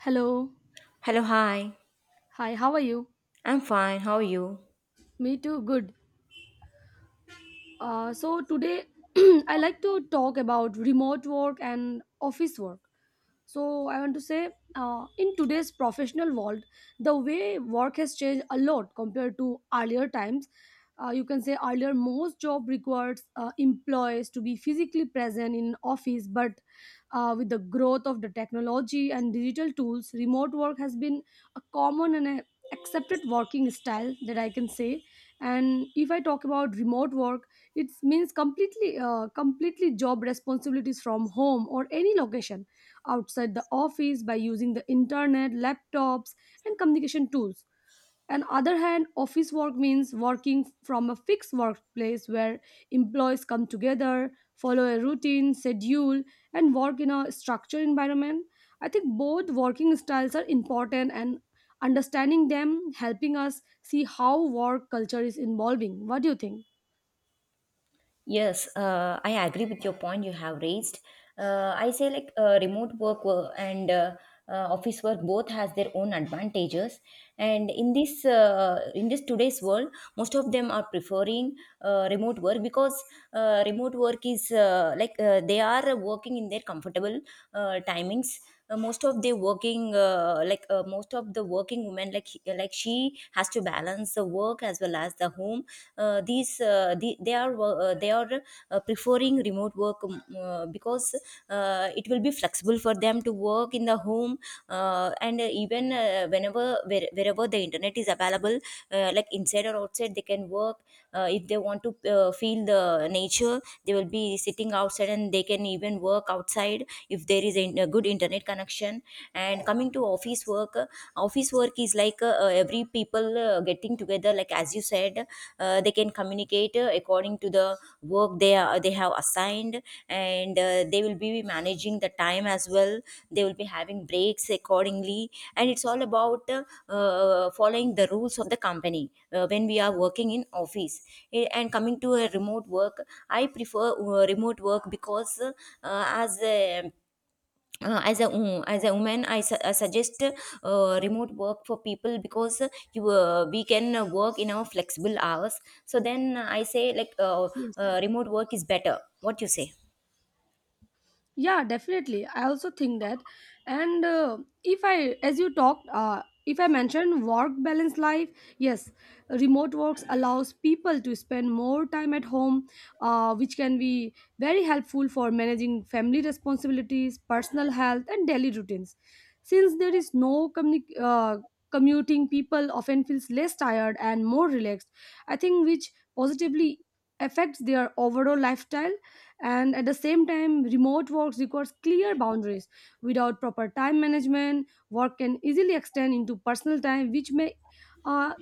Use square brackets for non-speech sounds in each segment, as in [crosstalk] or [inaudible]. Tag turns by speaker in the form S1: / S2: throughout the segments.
S1: Hello.
S2: Hello, hi.
S1: Hi, how are you?
S2: I'm fine. How are you?
S1: Me too, good. So today [clears throat] I like to talk about remote work and office work. So I want to say, in today's professional world, the way work has changed a lot compared to earlier times. You can say earlier most job requires employees to be physically present in office, but with the growth of the technology and digital tools, remote work has been a common and a accepted working style, that I can say. And if I talk about remote work, it means completely job responsibilities from home or any location outside the office by using the internet, laptops, and communication tools. On other hand, office work means working from a fixed workplace where employees come together, follow a routine, schedule, and work in a structured environment. I think both working styles are important and understanding them helping us see how work culture is evolving. What do you think?
S2: Yes, I agree with your point you have raised. I say like remote work and office work both has their own advantages, and in this today's world, most of them are preferring remote work because remote work is like, they are working in their comfortable timings. Most of the working like most of the working women, like she has to balance the work as well as the home. Uh, these the, they are wo- they are preferring remote work because it will be flexible for them to work in the home, and even wherever the internet is available, like inside or outside, they can work. If they want to feel the nature, they will be sitting outside and they can even work outside if there is an in a good internet connection. And coming to office work, office work is like every people getting together, like as you said. They can communicate according to the work they have assigned, and they will be managing the time as well. They will be having breaks accordingly, and it's all about following the rules of the company when we are working in office. And coming to a remote work, I prefer remote work because as a mm, as a woman. I suggest remote work for people because you we can work in our flexible hours. So then I say, like,
S1: Yes.
S2: remote work is better. What you say?
S1: Yeah, definitely, I also think that. And if I as you talked, if I mentioned work balance life, yes, remote works allows people to spend more time at home, which can be very helpful for managing family responsibilities, personal health, and daily routines. Since there is no commuting, people often feels less tired and more relaxed, I think, which positively affects their overall lifestyle. And at the same time, remote work requires clear boundaries. Without proper time management, work can easily extend into personal time, uh,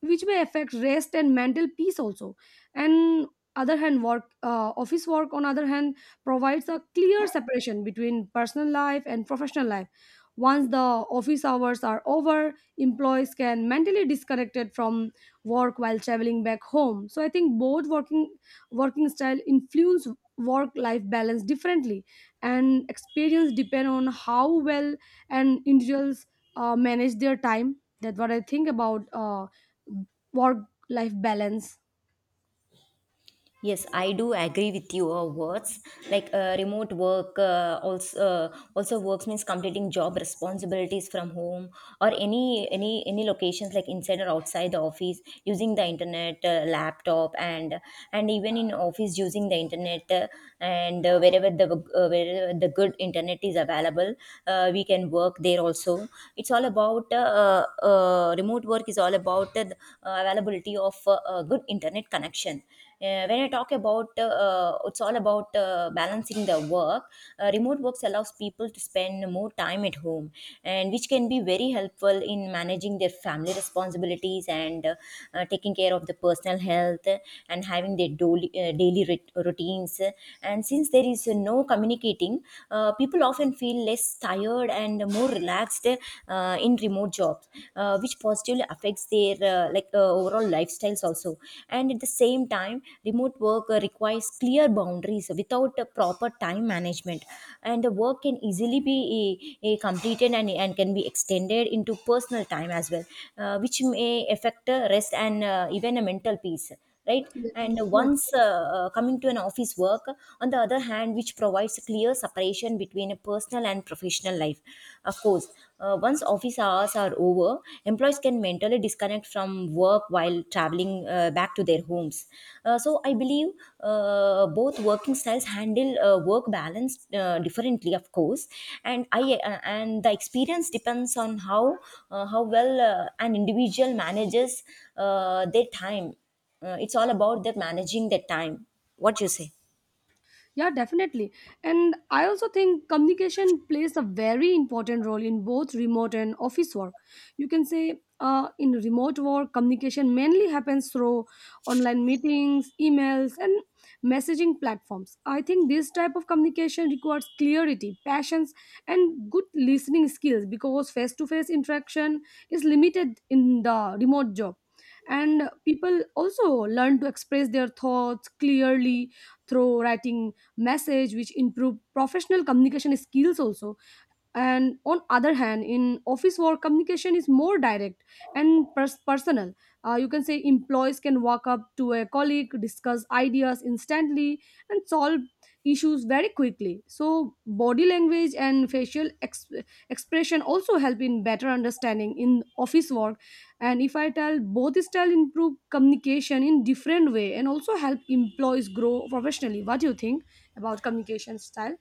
S1: which may affect rest and mental peace also. And other hand work office work on other hand provides a clear separation between personal life and professional life. Once the office hours are over, employees can mentally disconnected from work while traveling back home. So I think both working style influence work life balance differently, and experience depend on how well and individuals manage their time. That's what I think about, work life balance.
S2: Yes, I do agree with your words. Like, remote work, also works means completing job responsibilities from home or any locations like inside or outside the office, using the internet, laptop, and even in office using the internet. And wherever the good internet is available, we can work there also. It's all about remote work is all about the availability of good internet connection. When I talk about, it's all about balancing the work. Remote works allows people to spend more time at home, and which can be very helpful in managing their family responsibilities, and taking care of the personal health, and having their daily routines. And since there is no communicating, people often feel less tired and more relaxed in remote jobs, which positively affects their like, overall lifestyles also. And at the same time, remote work requires clear boundaries. Without a proper time management, and the work can easily be completed and can be extended into personal time as well, which may affect rest and even a mental peace, right?
S1: Yes,
S2: And
S1: yes.
S2: once, coming to an office work on the other hand, which provides a clear separation between a personal and professional life, of course. Once office hours are over, employees can mentally disconnect from work while traveling back to their homes. So I believe both working styles handle work balance differently, of course. And i uh, and the experience depends on how, how well an individual manages their time. It's all about the managing the time. What you say?
S1: Yeah, definitely. And I also think communication plays a very important role in both remote and office work. You can say, in remote work, communication mainly happens through online meetings, emails, and messaging platforms. I think this type of communication requires clarity, patience, and good listening skills because face to face interaction is limited in the remote job. And people also learn to express their thoughts clearly through writing message, which improve professional communication skills also. And on other hand, in office work, communication is more direct and personal. You can say employees can walk up to a colleague, discuss ideas instantly, and solve issues very quickly. So body language and facial expression also help in better understanding in office work. And if I tell, both style improve communication in different way, and also help employees grow professionally. What do you think about communication style?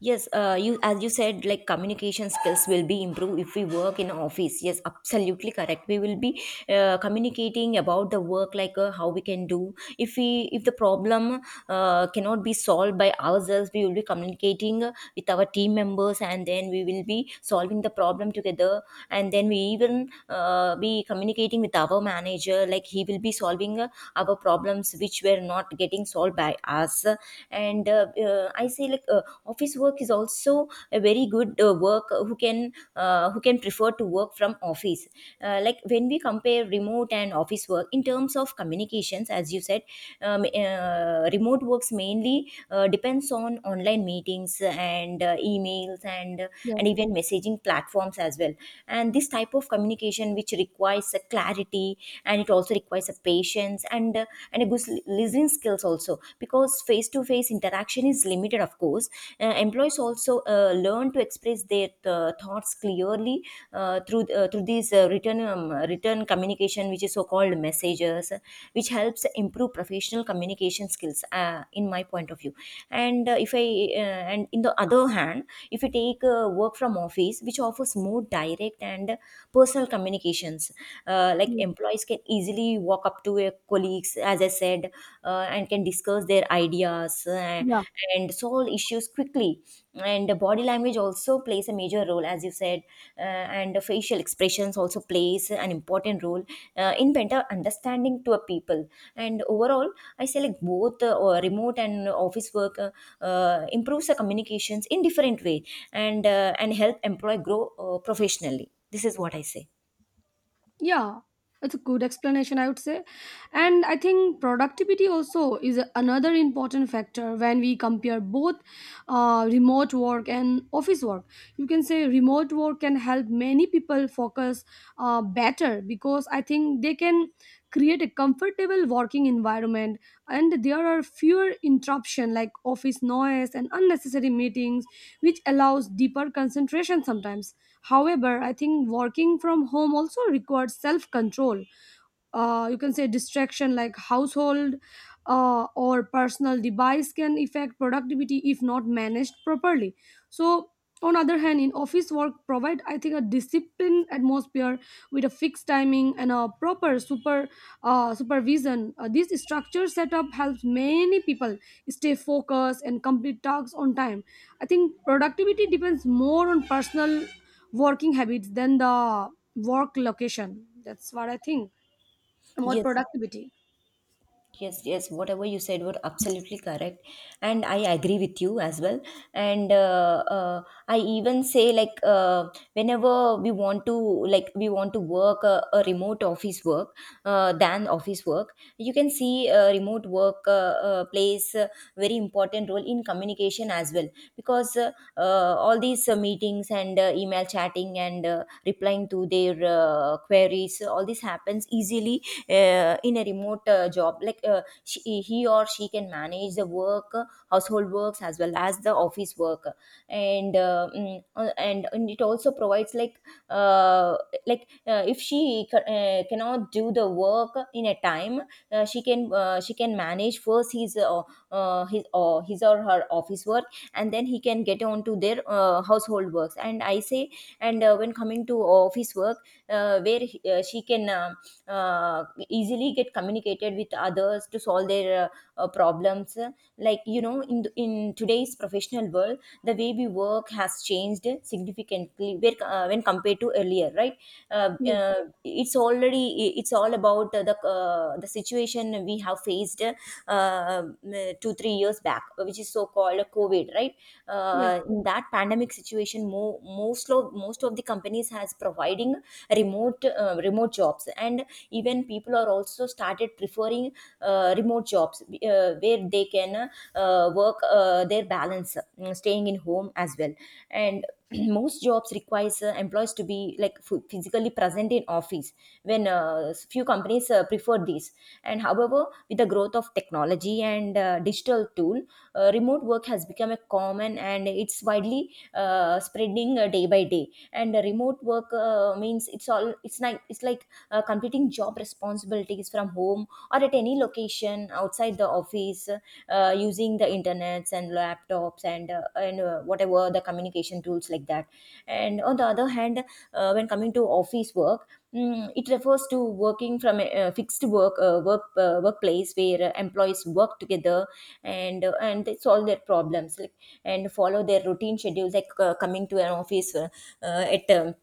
S2: Yes, you as you said, like communication skills will be improved if we work in office. Yes, absolutely correct. We will be communicating about the work, like, how we can do. If the problem cannot be solved by ourselves, we will be communicating with our team members, and then we will be solving the problem together. And then we even be communicating with our manager, like, he will be solving our problems which were not getting solved by us. And I say, like, office work is also a very good work, who can prefer to work from office. Like, when we compare remote and office work in terms of communications, as you said, remote works mainly depends on online meetings and emails, and
S1: Yes,
S2: and even messaging platforms as well. And this type of communication which requires a clarity, and it also requires a patience, and a good listening skills also, because face to face interaction is limited, of course. Employees also learn to express their thoughts clearly through these written communication, which is so called messages, which helps improve professional communication skills, in my point of view. And uh, if i uh, and in the other hand, if you take work from office, which offers more direct and personal communications. Like,
S1: yes,
S2: employees can easily walk up to your colleagues, as I said, and can discuss their ideas
S1: yeah.
S2: and solve issues quickly. And the body language also plays a major role, as you said, and the facial expressions also plays an important role in better understanding to a people. And overall, I say, like, both or remote and office work improves the communications in different way, and help employee grow professionally. This is what I say.
S1: Yeah, that's a good explanation, I would say. And I think productivity also is another important factor when we compare both, remote work and office work. You can say remote work can help many people focus better, because I think they can create a comfortable working environment, and there are fewer interruption like office noise and unnecessary meetings, which allows deeper concentration sometimes. However, I think working from home also requires self control. You can say distraction like household, or personal device can affect productivity if not managed properly. So on other hand, in office work provide, I think, a disciplined atmosphere with a fixed timing and a proper supervision. This structure setup helps many people stay focused and complete tasks on time. I think productivity depends more on personal working habits than the work location. That's what I think, more
S2: Yes.
S1: productivity.
S2: Yes, yes, whatever you said were absolutely correct, and I agree with you as well. And I even say, like, whenever we want to, like, we want to work a remote office work than office work. You can see, remote work plays a very very important role in communication as well, because all these meetings and email chatting and replying to their queries, all this happens easily in a remote job. Like, he or she can manage the work, household works as well as the office work. And it also provides, like, uh, like, if cannot do the work in a time, she can manage first his his or her office work, and then he can get on to their household works, and I say. And when coming to office work, where she can easily get communicated with others to solve their problems. Like, in in today's professional world, the way we work has changed significantly, when compared to earlier, right?
S1: Yes,
S2: It's all about the situation we have faced, two three years back, which is so called COVID, right?
S1: yes,
S2: In that pandemic situation, most of the companies has providing remote jobs, and even people are also started preferring remote jobs, where they can work their balance staying in home as well. And [clears throat] most jobs requires employees to be, like, physically present in office, when, few companies prefer this. And, however, with the growth of technology and digital tool, remote work has become a common and it's widely spreading day by day. And remote work means, it's like completing job responsibilities from home or at any location outside the office, using the internets and laptops, and whatever the communication tools, like that. And on the other hand, when coming to office work, it refers to working from a fixed workplace where employees work together, and they solve their problems, like, and follow their routine schedule, like, coming to an office at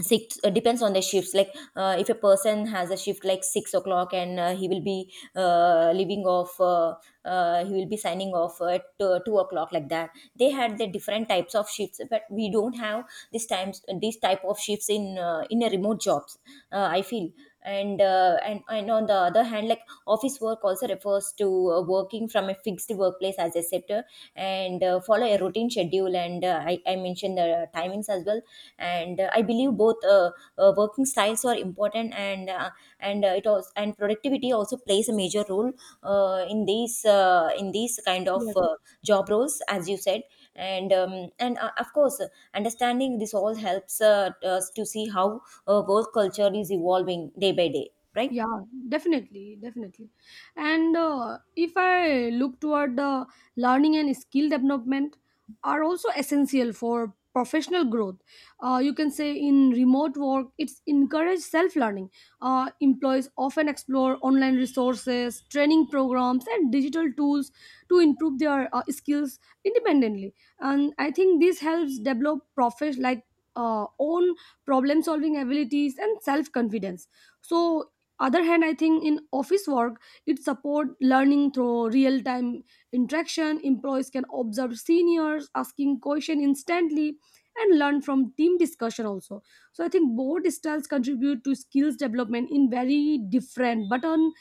S2: six depends on the shifts. Like, if a person has a shift like 6 o'clock, and he will be leaving off, he will be signing off at 2 o'clock, like that. They had the different types of shifts, but we don't have these type of shifts in a remote jobs, I feel. And on the other hand, like, office work also refers to working from a fixed workplace as a sector, and follow a routine schedule, and I mentioned the timings as well. And I believe both working styles are important, and productivity also plays a major role in these kind of
S1: yes.
S2: job roles as you said. And of course, understanding this all helps us to see how work culture is evolving day by day, right?
S1: Yeah, definitely, definitely. And if I look toward the learning and skill development are also essential for professional growth. You can say in remote work, it's encouraged self-learning. Employees often explore online resources, training programs, and digital tools to improve their, skills independently. And I think this helps develop profession like, own problem-solving abilities and self-confidence. So other hand, I think, in office work, it support learning through real time interaction. Employees can observe seniors asking question instantly and learn from team discussion also. So I think both styles contribute to skills development in very different,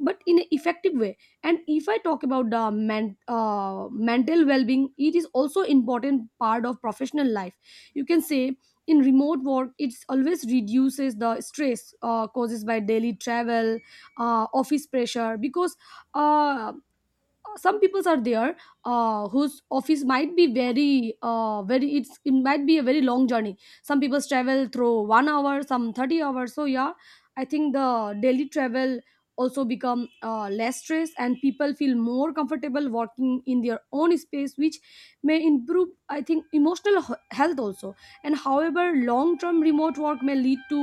S1: but in an effective way. And if I talk about the mental well-being, it is also important part of professional life. You can say in remote work it always reduces the stress causes by daily travel, office pressure, because uh, some peoples are there, whose office might be very, very, it might be a very long journey. Some people travel through 1 hour, some 30 hours, so yeah, I think the daily travel also become less stress, and people feel more comfortable working in their own space, which may improve, I think, emotional health also. And however, long term remote work may lead to,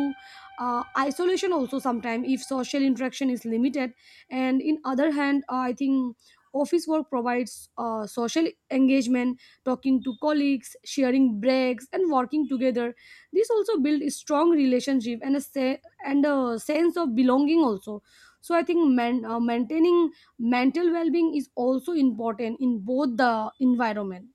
S1: isolation also sometimes if social interaction is limited. And in other hand, I think office work provides, social engagement, talking to colleagues, sharing breaks, and working together. This also build a strong relationship and and a sense of belonging also. So I think maintaining mental well-being is also important in both the environment.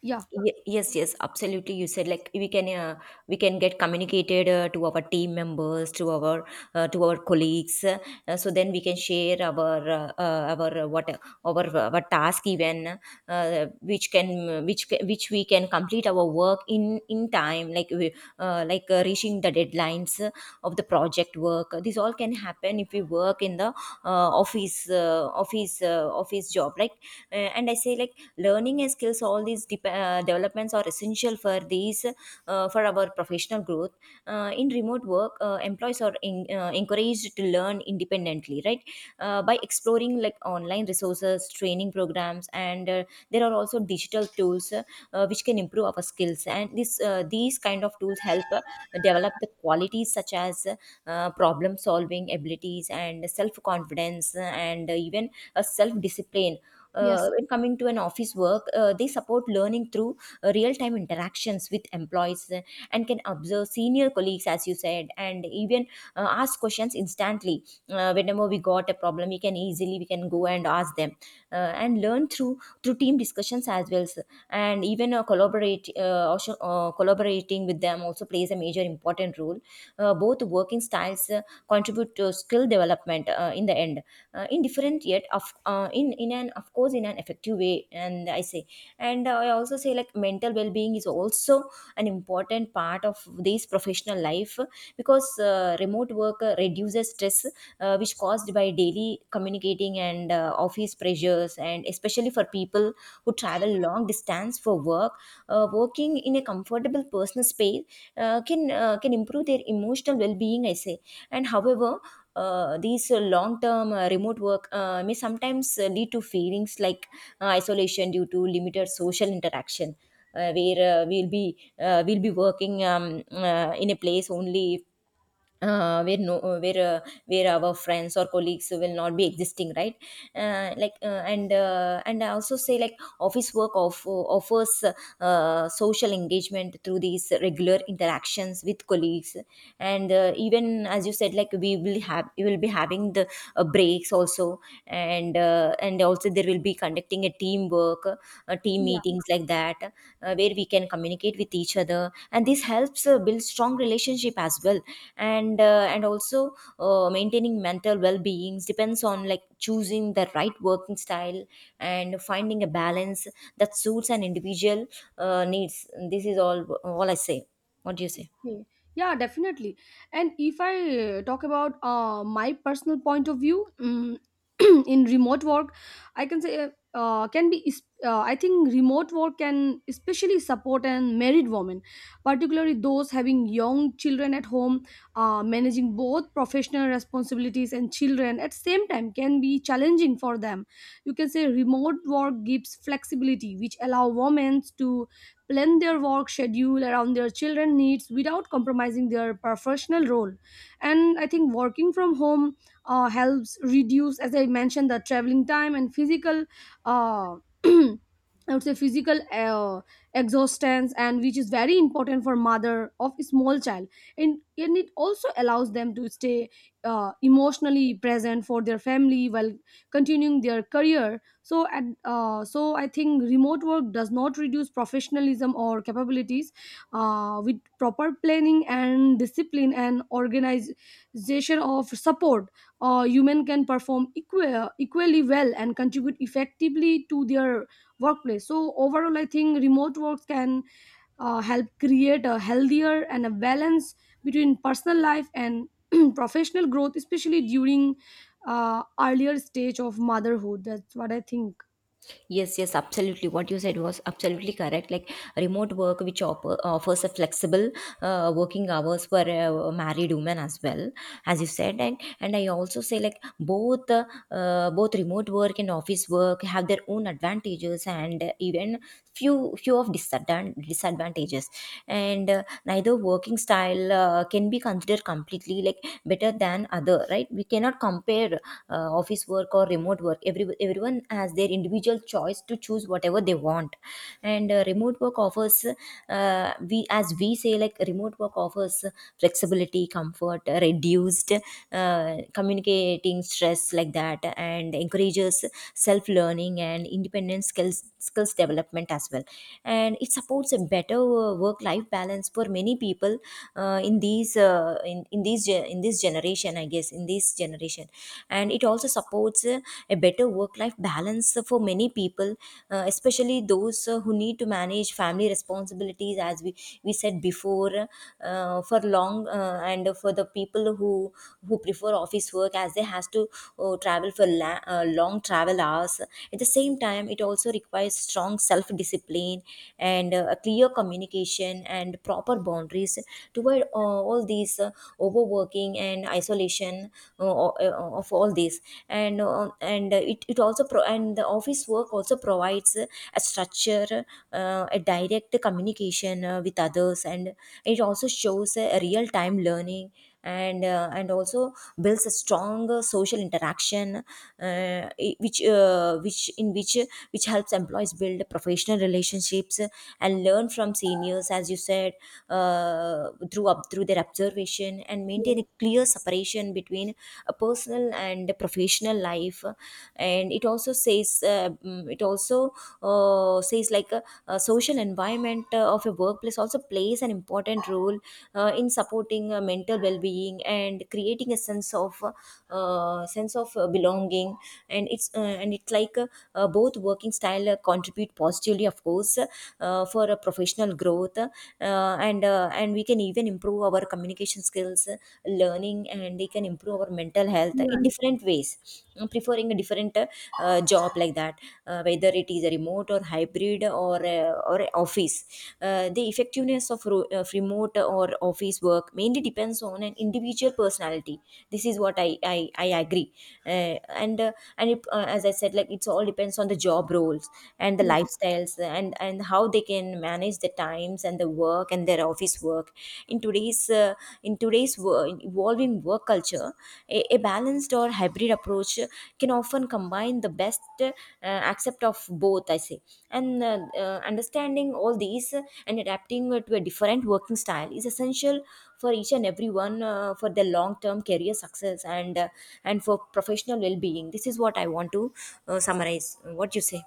S1: Yeah.
S2: Yes, yes, absolutely. You said like we can, we can get communicated to our team members, to our colleagues, so then we can share our what our task, even which can, which we can complete our work in time, like we, reaching the deadlines of the project work. This all can happen if we work in the office of his, of his job, like. Uh, and I say like learning and skills, all these dep developments are essential for these, for our professional growth. Uh, in remote work, employees are encouraged to learn independently, right? Uh, by exploring like online resources, training programs, and there are also digital tools, which can improve our skills. And this these kind of tools help develop the qualities, abilities such as problem solving abilities and self confidence, and even a self discipline. Uh,
S1: Yes.
S2: when coming to an office work, they support learning through real time interactions with employees, and can observe senior colleagues, as you said, and even ask questions instantly. Whenever we got a problem, we can easily, we can go and ask them, uh, and learn through team discussions as well, sir. And even even collaborate, collaborating with them also plays a major important role. Both working styles contribute to skill development in the end, in different yet of in an of course in an effective way. And I say, and I also say like mental well-being is also an important part of this professional life, because remote work reduces stress which caused by daily communicating commuting and office pressures, and especially for people who travel long distance for work. Uh, working in a comfortable personal space can improve their emotional well-being, I say. And however, these long-term remote work may sometimes lead to feelings like isolation due to limited social interaction, where we'll be working, in a place only where no where where our friends or colleagues will not be existing, right? Uh, and I also say like office work offers social engagement through these regular interactions with colleagues, and even as you said like we will be having the breaks also. And and also there will be conducting a teamwork, team
S1: Yeah.
S2: meetings like that, where we can communicate with each other, and this helps build strong relationship as well. And also maintaining mental well being depends on like choosing the right working style and finding a balance that suits an individual needs. This is all I say. What do you say?
S1: Okay. Yeah, definitely. And if I, talk about, my personal point of view, [clears throat] in remote work, I can say, uh, can be. is- I think remote work can especially support and married women, particularly those having young children at home. Managing both professional responsibilities and children at same time can be challenging for them. You can say remote work gives flexibility, which allow women to plan their work schedule around their children needs without compromising their professional role. And I think working from home helps reduce, as I mentioned, the traveling time and physical, uh, [clears throat] I would say physical exhaustion, and which is very important for mother of a small child. And it also allows them to stay emotionally present for their family while continuing their career. So I think remote work does not reduce professionalism or capabilities. With proper planning and discipline and organization of support, human can perform equally well and contribute effectively to their workplace. So overall, I think remote work can help create a healthier and a balance between personal life and [clears throat] professional growth, especially during earlier stage of motherhood. That's what I think.
S2: Yes, yes, absolutely. What you said was absolutely correct. Like remote work, which offers a flexible working hours for married women as well, as you said. And I also say like both remote work and office work have their own advantages, and even few of disadvantages, and neither working style can be considered completely like better than other, right? We cannot compare office work or remote work. Every everyone has their individual choice to choose whatever they want. And remote work offers, we as we say like remote work offers flexibility, comfort, reduced communicating stress like that, and encourages self learning and independent skills development as well, and it supports a better work life balance for many people in these ge- in this generation, I guess. In this generation medicine and it also supports a better work life balance for many people, especially those who need to manage family responsibilities, as we said before, for long. Uh, and for the people who prefer office work as they has to travel for long travel hours, at the same time it also requires strong self discipline and a clear communication and proper boundaries to avoid all these overworking, overthinking, and isolation of all this. And and the office work also provides a structure, a direct communication with others, and it also shows a real time learning, and also builds a strong social interaction which which helps employees build professional relationships and learn from seniors, as you said, through to up through their observation, and
S1: Yes,
S2: maintain a clear separation between a personal and a professional life. And it also says mm, It also says like a social environment of a workplace also plays an important role in supporting mental well-being and creating a sense of belonging. And it's like Both working style contribute positively, of course, for a professional growth, and we can even improve our communication skills, learning, and we can improve our mental health in
S1: you're
S2: different ways, preferring a different job like that, whether it is a remote or hybrid or a office. Uh, the effectiveness of remote or office work mainly depends on an individual personality. This is what I agree. uh, as I said like it's all depends on the job roles and the
S1: right.
S2: lifestyles, and how they can manage the times and the work and their office work. in today's uh, in today's evolving work culture, a balanced or hybrid approach can often combine the best accept of both, I say. And uh, uh, understanding all these and adapting to a different working style is essential for each and everyone, for their long term career success, and and for professional well being. This is what I want to summarize. What you say?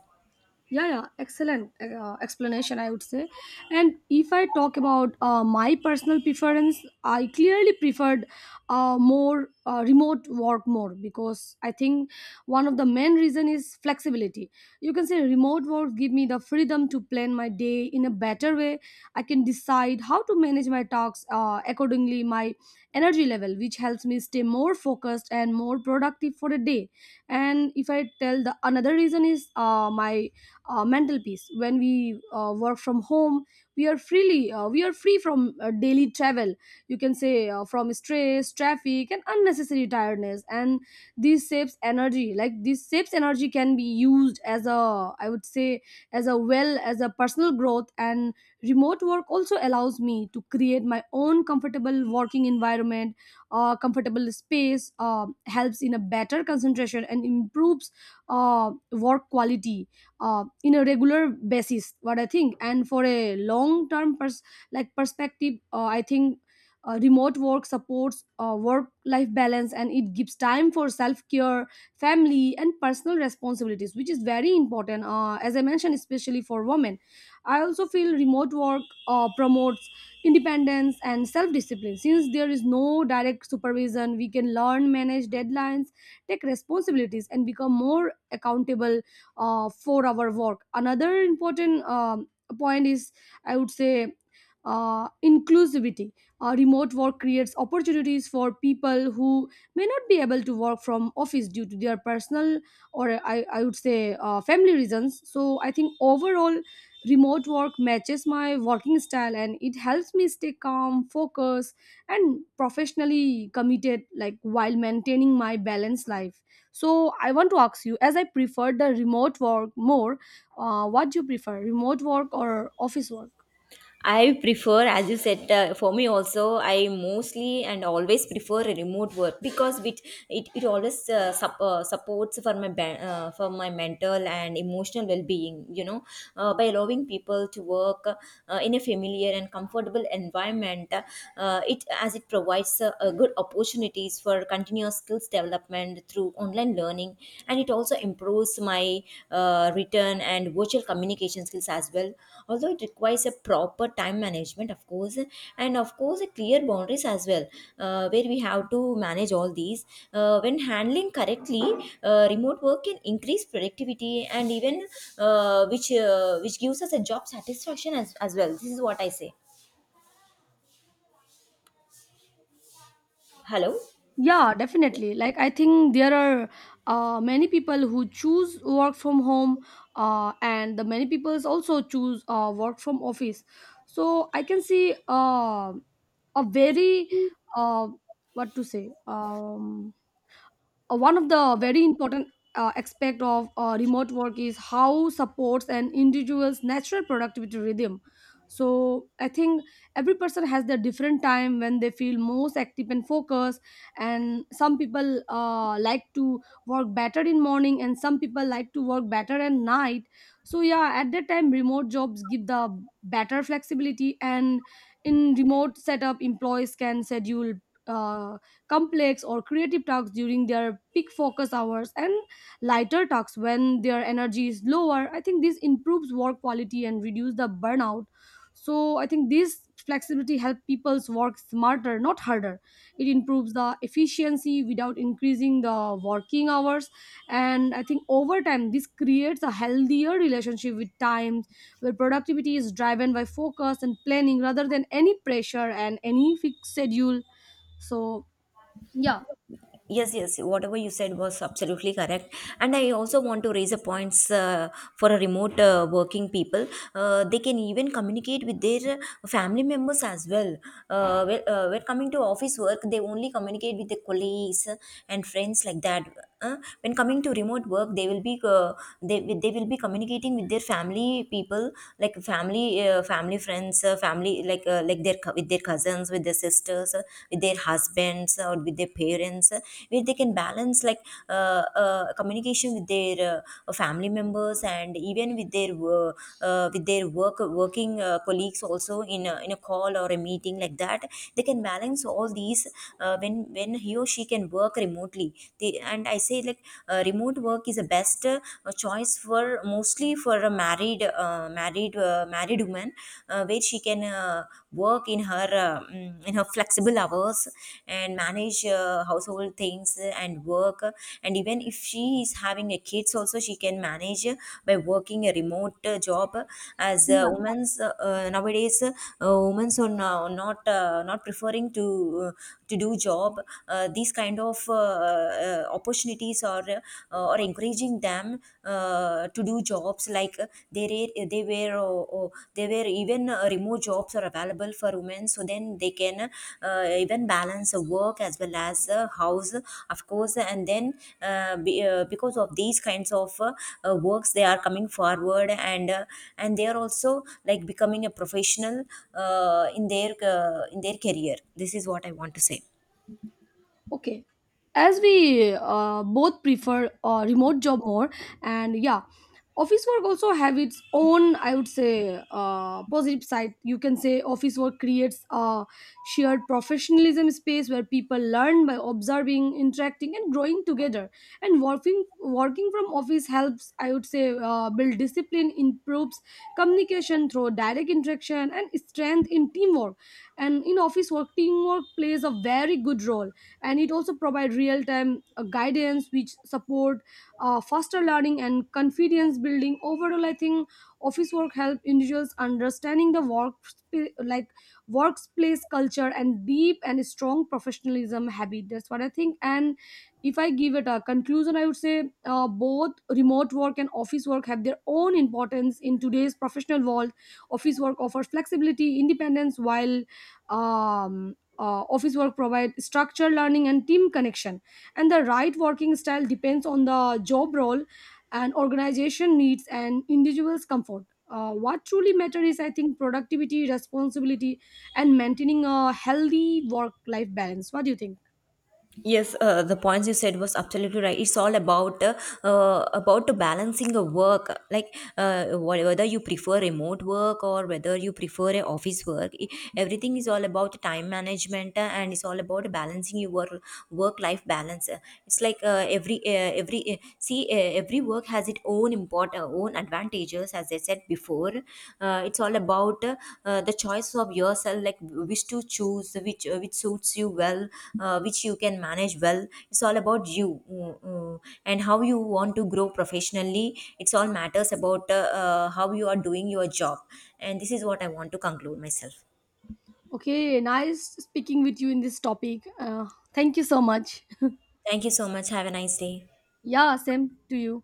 S1: Yeah, yeah, excellent explanation, I would say. And if I talk about my personal preference, I clearly preferred, more remote work more, because I think one of the main reason is flexibility. You can say remote work give me the freedom to plan my day in a better way. I can decide how to manage my tasks, accordingly my energy level, which helps me stay more focused and more productive for the day. And if I tell, the another reason is my mental peace. When we work from home, we are free from daily travel. You can say, from stress, traffic, and unnecessary tiredness. And this saves energy can be used as a, I would say, as a well as a personal growth. And remote work also allows me to create my own comfortable working environment. Comfortable space helps in a better concentration and improves work quality in a regular basis, what I think. And for a long term perspective, I think remote work supports, work life balance, and it gives time for self care, family, and personal responsibilities, which is very important, as I mentioned, especially for women. I also feel remote work promotes independence and self discipline. Since there is no direct supervision, we can learn manage deadlines, take responsibilities, and become more accountable. 4 hour work, another important point is, I would say, inclusivity. Remote work creates opportunities for people who may not be able to work from office due to their personal, I would say family reasons. So I think overall remote work matches my working style, and it helps me stay calm, focused, and professionally committed like, while maintaining my balanced life. So I want to ask you, as I prefer the remote work more, what do you prefer, remote work or office work?
S2: I prefer, as you said, for me also, I mostly and always prefer a remote work because it always supports for my for my mental and emotional well being, you know. Uh, by allowing people to work in a familiar and comfortable environment, it as it provides a good opportunities for continuous skills development through online learning, and it also improves my written and virtual communication skills as well. Although it requires a proper time management, of course, and of course a clear boundaries as well, where we have to manage all these. Uh, when handling correctly, remote work can increase productivity and even which gives us a job satisfaction as well. This is what I say. Hello?
S1: Yeah, definitely. Like I think there are, many people who choose work from home, and the many people also choose work from office. So I can see, a very, uh, what to say. One of the very important aspect of remote work is how supports an individual's natural productivity rhythm. So I think every person has their different time when they feel most active and focused. And some people like to work better in morning, and some people like to work better at night. So yeah, at that time, remote jobs give the better flexibility. And in remote setup, employees can schedule uh, complex or creative tasks during their peak focus hours, and lighter tasks when their energy is lower. I think this improves work quality and reduce the burnout. So I think this flexibility helps people's work smarter, not harder. It improves the efficiency without increasing the working hours. And I think over time this creates a healthier relationship with time, where productivity is driven by focus and planning rather than any pressure and any fixed schedule. So 要。
S2: Yes, yes, whatever you said was absolutely correct. And I also want to raise a points for a remote working people. They can even communicate with their family members as well. Uh, when coming to office work, they only communicate with their colleagues and friends like that. When coming to remote work, they will be communicating with their family people, like family, family friends, family, like their with their cousins, with their sisters, with their husbands, or with their parents, where they can balance like communication with their family members, and even with their with their work working colleagues also in a call or a meeting like that. They can balance all these when he or she can work remotely, they, and I say like remote work is the best choice for, mostly for a married married woman, where she can work in her in her flexible hours, and manage household things, and work, and even if she is having a kids also, she can manage by working a remote job. As women's nowadays, women's are now not not preferring uh, to do job, these kind of opportunities are or encouraging them to do jobs, like they they were even remote jobs are available for women, so then they can even balance work as well as house, of course. And then because of these kinds of works, they are coming forward, and and they are also like becoming a professional in their career. This is what I want to say.
S1: Okay. As we both prefer remote job more, and yeah, office work also have its own, I would say, positive side. You can say office work creates a shared professionalism space where people learn by observing, interacting, and growing together. And working from office helps, I would say, build discipline, improves communication through direct interaction, and strength in teamwork. And in office work, teamwork plays a very good role, and it also provides real-time guidance which support faster learning and confidence building. Overall, I think office work help individuals understanding the work, like workplace culture, and deep and strong professionalism habit. That's what I think. And if I give it a conclusion, I would say, both remote work and office work have their own importance in today's professional world. Office work offers flexibility, independence, while um, office work provide structure, learning, and team connection. And the right working style depends on the job role and organization needs and individuals comfort. What truly matters is, I think, productivity, responsibility, and maintaining a healthy work life balance. What do you think?
S2: Yes, the points you said was absolutely right. It's all about balancing the work, like whether you prefer remote work or whether you prefer a office work. I- Everything is all about time management, and it's all about balancing your work life balance. It's like every work has its own importance spot, our own advantages, as I said before. Uh, it's all about the choice of yourself, like which to choose, which suits you well, which you can manage well. It's all about you, mm, mm, and how you want to grow professionally. It's all matters about how you are doing your job, and this is what I want to conclude myself.
S1: Okay, nice speaking with you in this topic. Thank you so much.
S2: Thank you so much, have a nice day.
S1: Yeah, same to you.